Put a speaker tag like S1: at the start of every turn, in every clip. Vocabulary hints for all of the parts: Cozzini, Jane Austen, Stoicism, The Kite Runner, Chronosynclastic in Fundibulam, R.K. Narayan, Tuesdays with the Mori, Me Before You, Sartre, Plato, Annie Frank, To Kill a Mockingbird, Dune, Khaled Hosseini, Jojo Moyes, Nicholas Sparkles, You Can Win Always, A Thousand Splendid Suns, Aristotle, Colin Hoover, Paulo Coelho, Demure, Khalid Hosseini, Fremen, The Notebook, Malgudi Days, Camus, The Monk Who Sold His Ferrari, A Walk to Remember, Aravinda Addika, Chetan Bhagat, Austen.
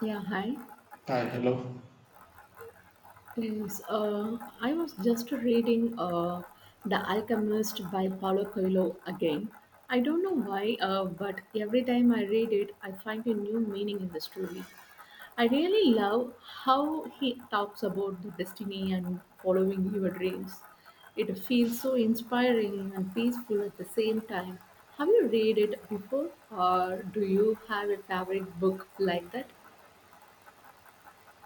S1: Yeah, hi.
S2: Hi, hello.
S1: Yes, I was just reading The Alchemist by Paulo Coelho again. I don't know why, but every time I read it, I find a new meaning in the story. I really love how he talks about the destiny and following your dreams. It feels so inspiring and peaceful at the same time. Have you read it before, or do you have a favorite book like that?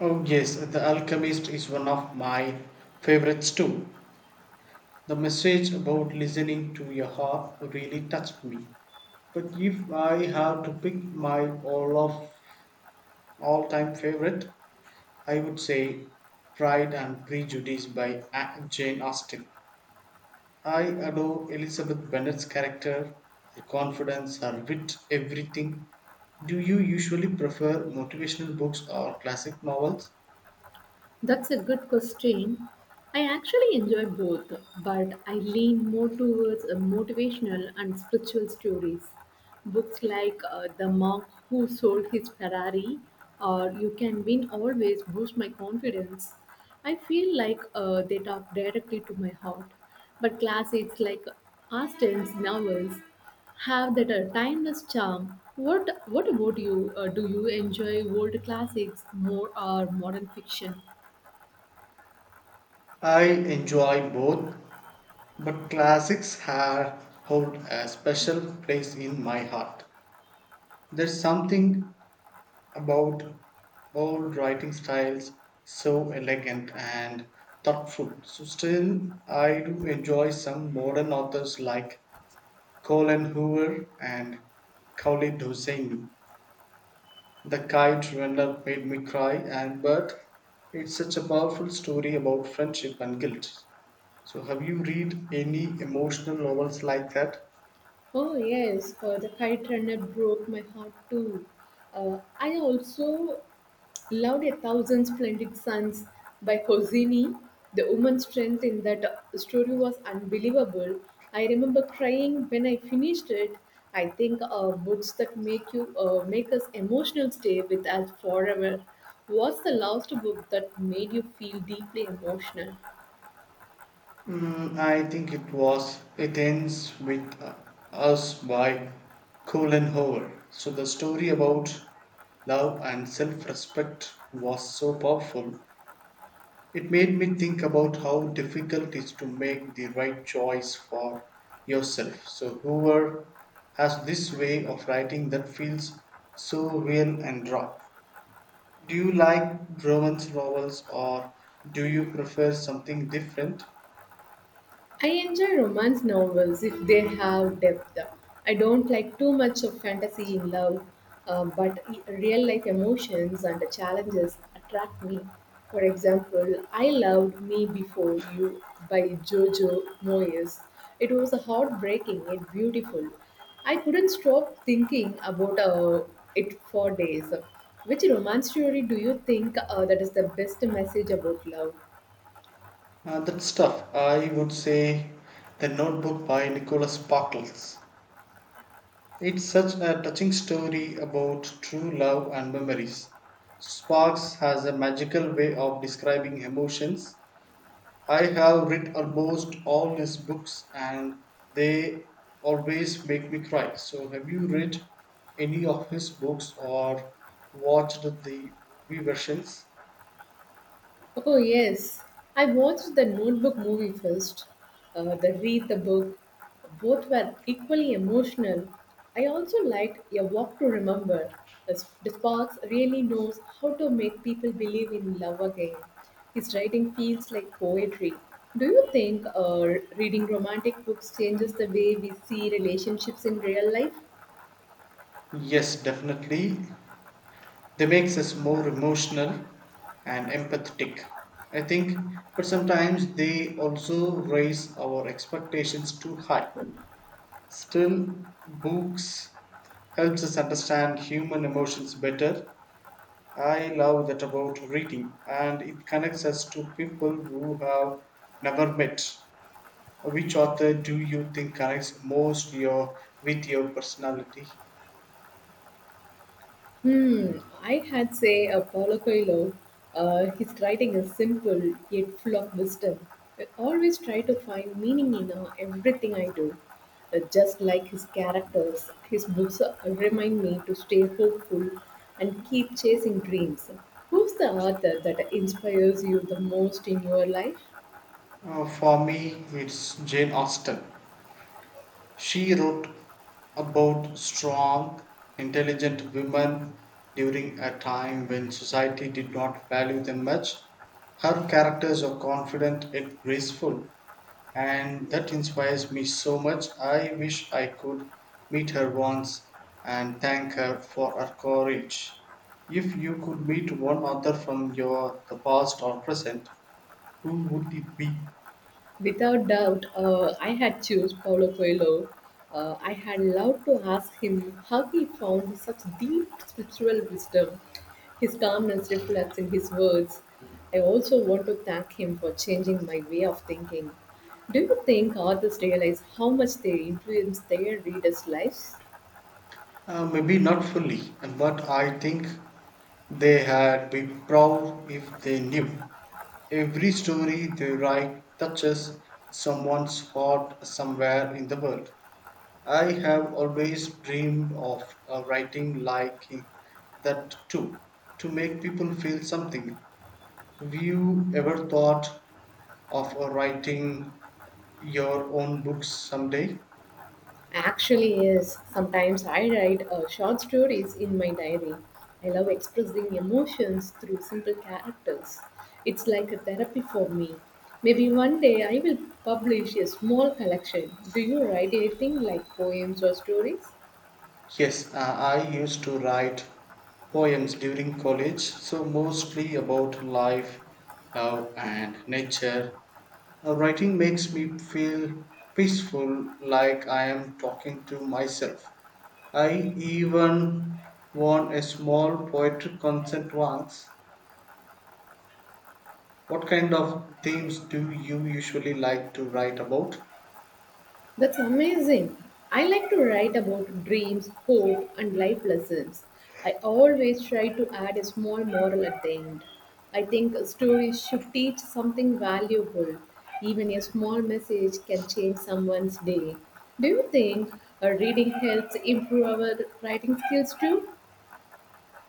S2: Oh, yes, The Alchemist is one of my favorites too. The message about listening to your heart really touched me. But if I have to pick my all time favorite, I would say Pride and Prejudice by Jane Austen. I adore Elizabeth Bennet's character, her confidence, her wit, everything. Do you usually prefer motivational books or classic novels?
S1: That's a good question. I actually enjoy both, but I lean more towards motivational and spiritual stories. Books like The Monk Who Sold His Ferrari or You Can Win Always boost my confidence. I feel like they talk directly to my heart. But classics like Austen's novels have that timeless charm. What about you? Do you enjoy old classics more or modern fiction?
S2: I enjoy both, but classics have hold a special place in my heart. There's something about old writing styles so elegant and thoughtful. So still I do enjoy some modern authors like Colin Hoover and Khalid Hosseini. The Kite Runner made me cry and but it's such a powerful story about friendship and guilt. So, have you read any emotional novels like that?
S1: Oh yes, the kite runner broke my heart too. I also loved A Thousand Splendid Suns by Cozzini. The woman's strength in that story was unbelievable. I remember crying when I finished it. I think books that make you make us emotional stay with us forever. What's the last book that made you feel deeply emotional?
S2: Mm, I think it was It Ends With Us by Colin Hoover. So the story about love and self-respect was so powerful. It made me think about how difficult it is to make the right choice for yourself. So Hoover has this way of writing that feels so real and raw. Do you like romance novels or do you prefer something different?
S1: I enjoy romance novels if they have depth. I don't like too much of fantasy in love, but real life emotions and challenges attract me. For example, I loved Me Before You by Jojo Moyes. It was heartbreaking and beautiful. I couldn't stop thinking about it for days. Which romance story do you think that is the best message about love?
S2: That's tough. I would say The Notebook by Nicholas Sparkles. It's such a touching story about true love and memories. Sparks has a magical way of describing emotions. I have read almost all his books and they always make me cry. So, have you read any of his books or watched the movie versions?
S1: Oh, yes. I watched the Notebook movie first, then read the book. Both were equally emotional. I also liked A Walk to Remember. The the Sparks really knows how to make people believe in love again. His writing feels like poetry. Do you think reading romantic books changes the way we see relationships in real life?
S2: Yes, definitely. They makes us more emotional and empathetic. I think, but sometimes they also raise our expectations too high. Still, books helps us understand human emotions better. I love that about reading, and it connects us to people who have never met. Which author do you think connects most your with your personality?
S1: Hmm, I had say a Paulo Coelho. His writing is simple yet full of wisdom. I always try to find meaning in everything I do. Just like his characters, his books remind me to stay hopeful and keep chasing dreams. Who's the author that inspires you the most in your life?
S2: For me, it's Jane Austen. She wrote about strong, intelligent women during a time when society did not value them much. Her characters are confident and graceful, and that inspires me so much. I wish I could meet her once and thank her for her courage. If you could meet one author from your the past or present, who would it be?
S1: Without doubt, I had choose Paulo Coelho. I had loved to ask him how he found such deep spiritual wisdom. His calmness reflects in his words. I also want to thank him for changing my way of thinking. Do you think authors realize how much they influence their readers' lives?
S2: Maybe not fully, but I think they had been proud if they knew. Every story they write touches someone's heart somewhere in the world. I have always dreamed of writing like him, that too, to make people feel something. Have you ever thought of writing your own books someday?
S1: Actually, yes. Sometimes I write short stories in my diary. I love expressing emotions through simple characters. It's like a therapy for me. Maybe one day I will publish a small collection. Do you write anything like poems or stories?
S2: Yes, I used to write poems during college, so mostly about life, love, and nature. Writing makes me feel peaceful, like I am talking to myself. I even won a small poetry contest once. What kind of themes do you usually like to write about?
S1: That's amazing. I like to write about dreams, hope, and life lessons. I always try to add a small moral at the end. I think a story should teach something valuable. Even a small message can change someone's day. Do you think reading helps improve our writing skills too?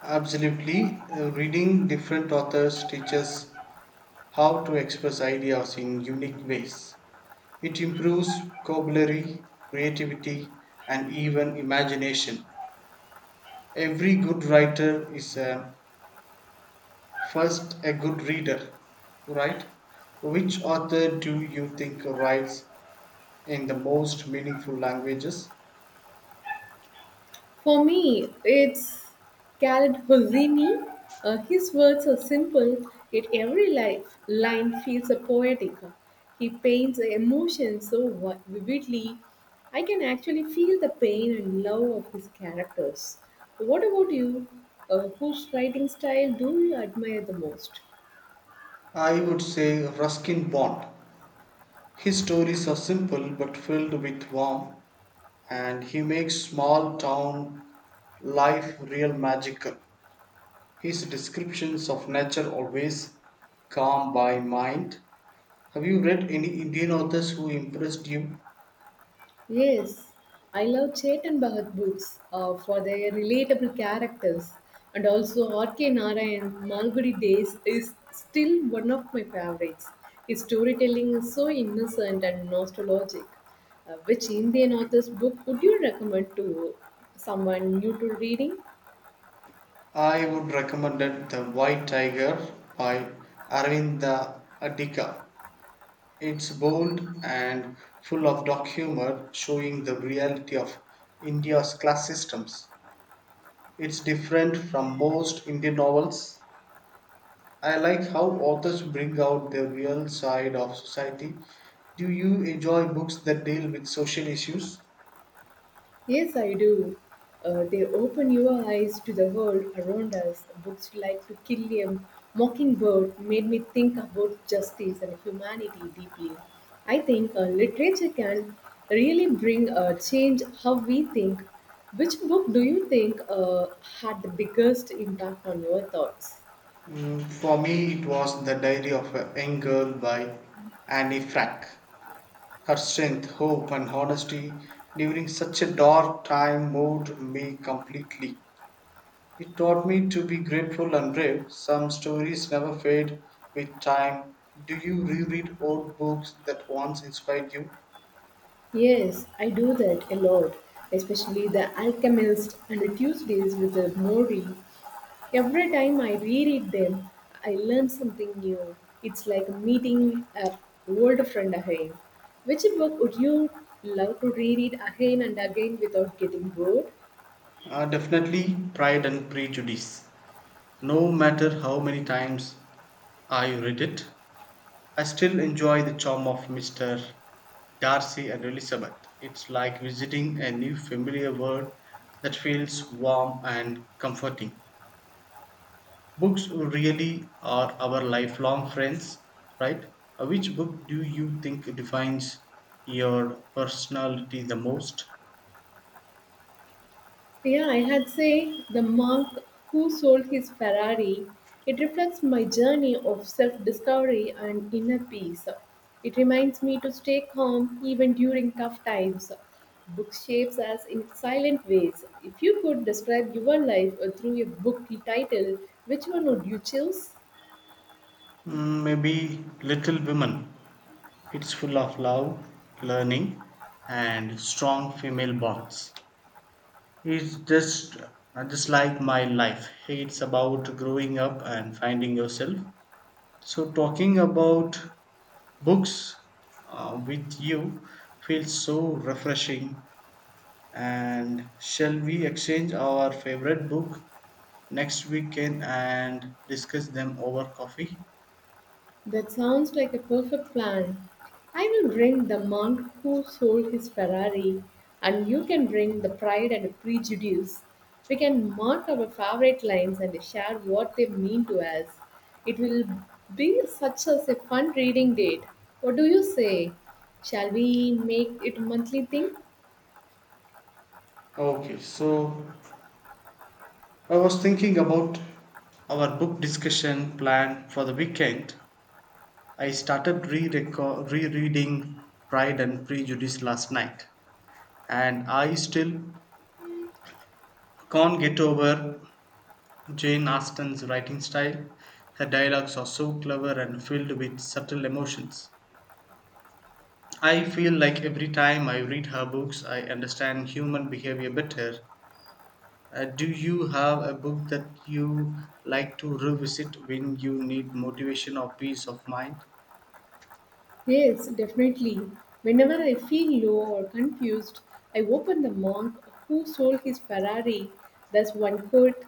S2: Absolutely. Reading different authors teaches how to express ideas in unique ways. It improves vocabulary, creativity, and even imagination. Every good writer is a First, a good reader, right? Which author do you think writes in the most meaningful languages?
S1: For me, it's Khaled Hosseini. His words are simple, yet every life, line feels a poetic. He paints the emotion so vividly. I can actually feel the pain and love of his characters. What about you? Whose writing style do you admire the most?
S2: I would say Ruskin Bond. His stories are simple but filled with warmth, and he makes small town life real magical. His descriptions of nature always calm by mind. Have you read any Indian authors who impressed you?
S1: Yes, I love Chetan Bhagat books for their relatable characters, and also RK. Narayan Malgudi Days is still one of my favorites. His storytelling is so innocent and nostalgic. Which Indian author's book would you recommend to someone new to reading?
S2: I would recommend The White Tiger by Aravinda Addika. It's bold and full of dark humor, showing the reality of India's class systems. It's different from most Indian novels. I like how authors bring out the real side of society. Do you enjoy books that deal with social issues?
S1: Yes, I do. They open your eyes to the world around us. Books like To Kill a Mockingbird made me think about justice and humanity deeply. I think literature can really bring a change how we think. Which book do you think had the biggest impact on your thoughts?
S2: Mm, for me, it was The Diary of a Young Girl by Annie Frank. Her strength, hope, and honesty during such a dark time moved me completely. It taught me to be grateful and brave. Some stories never fade with time. Do you reread old books that once inspired you?
S1: Yes, I do that a lot, especially The Alchemist and the Tuesdays with the Mori. Every time I reread them, I learn something new. It's like meeting a old friend again. Which book would you love to reread again and again without getting bored?
S2: Definitely Pride and Prejudice. No matter how many times I read it, I still enjoy the charm of Mr. Darcy and Elizabeth. It's like visiting a new familiar world that feels warm and comforting. Books really are our lifelong friends, right? Which book do you think defines your personality the most?
S1: Yeah, I had say the monk who sold his Ferrari. It reflects my journey of self discovery and inner peace. It reminds me to stay calm even during tough times. Book shapes us in silent ways. If you could describe your life through a book title, which one would you choose?
S2: Mm, maybe Little Women. It's full of love, learning, and strong female bonds. It's just like my life. It's about growing up and finding yourself. So talking about books with you feels so refreshing. And shall we exchange our favorite book next weekend and discuss them over coffee?
S1: That sounds like a perfect plan. I will bring the monk who sold his Ferrari, and you can bring the pride and prejudice. We can mark our favorite lines and share what they mean to us. It will be such as a fun reading date. What do you say? Shall we make it a monthly thing?
S2: Okay, so I was thinking about our book discussion plan for the weekend. I started rereading Pride and Prejudice last night, and I still can't get over Jane Austen's writing style. Her dialogues are so clever and filled with subtle emotions. I feel like every time I read her books, I understand human behavior better. Do you have a book that you like to revisit when you need motivation or peace of mind?
S1: Yes, definitely. Whenever I feel low or confused, I open the monk who sold his Ferrari. That's one quote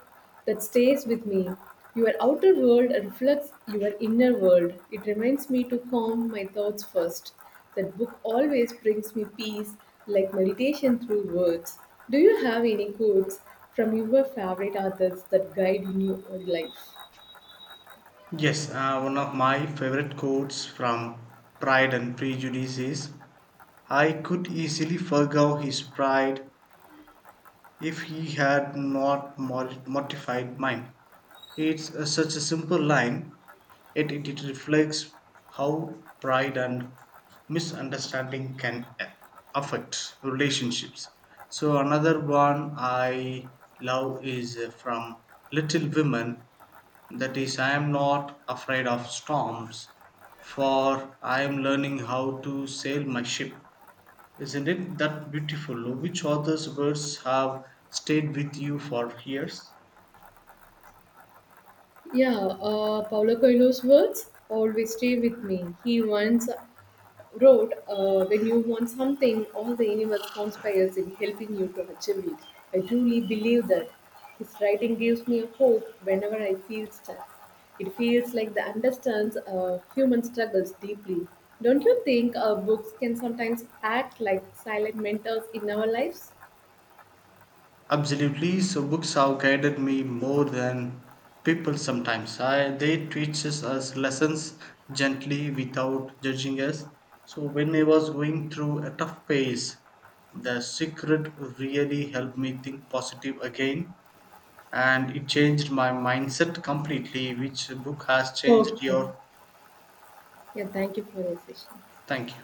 S1: that stays with me. Your outer world reflects your inner world. It reminds me to calm my thoughts first. That book always brings me peace, like meditation through words. Do you have any quotes from your favorite authors that guide in your life?
S2: Yes, one of my favorite quotes from Pride and Prejudice is I could easily forgo his pride if he had not mortified mine. It's such a simple line, yet it reflects how pride and misunderstanding can affect relationships. So, another one I love is from Little Women that is, I am not afraid of storms, for I am learning how to sail my ship. Isn't it that beautiful? Which author's words have stayed with you for years?
S1: Yeah, Paulo Coelho's words always stay with me. He once wrote, when you want something, all the universe conspires in helping you to achieve it. I truly believe that. His writing gives me hope whenever I feel stuck. It feels like the understands human struggles deeply. Don't you think books can sometimes act like silent mentors in our lives?
S2: Absolutely. So books have guided me more than people sometimes. I, they teaches us lessons gently without judging us. So when I was going through a tough phase, the secret really helped me think positive again, and it changed my mindset completely. Which book has changed
S1: Okay.
S2: your
S1: Yeah, thank you for the session.
S2: thank you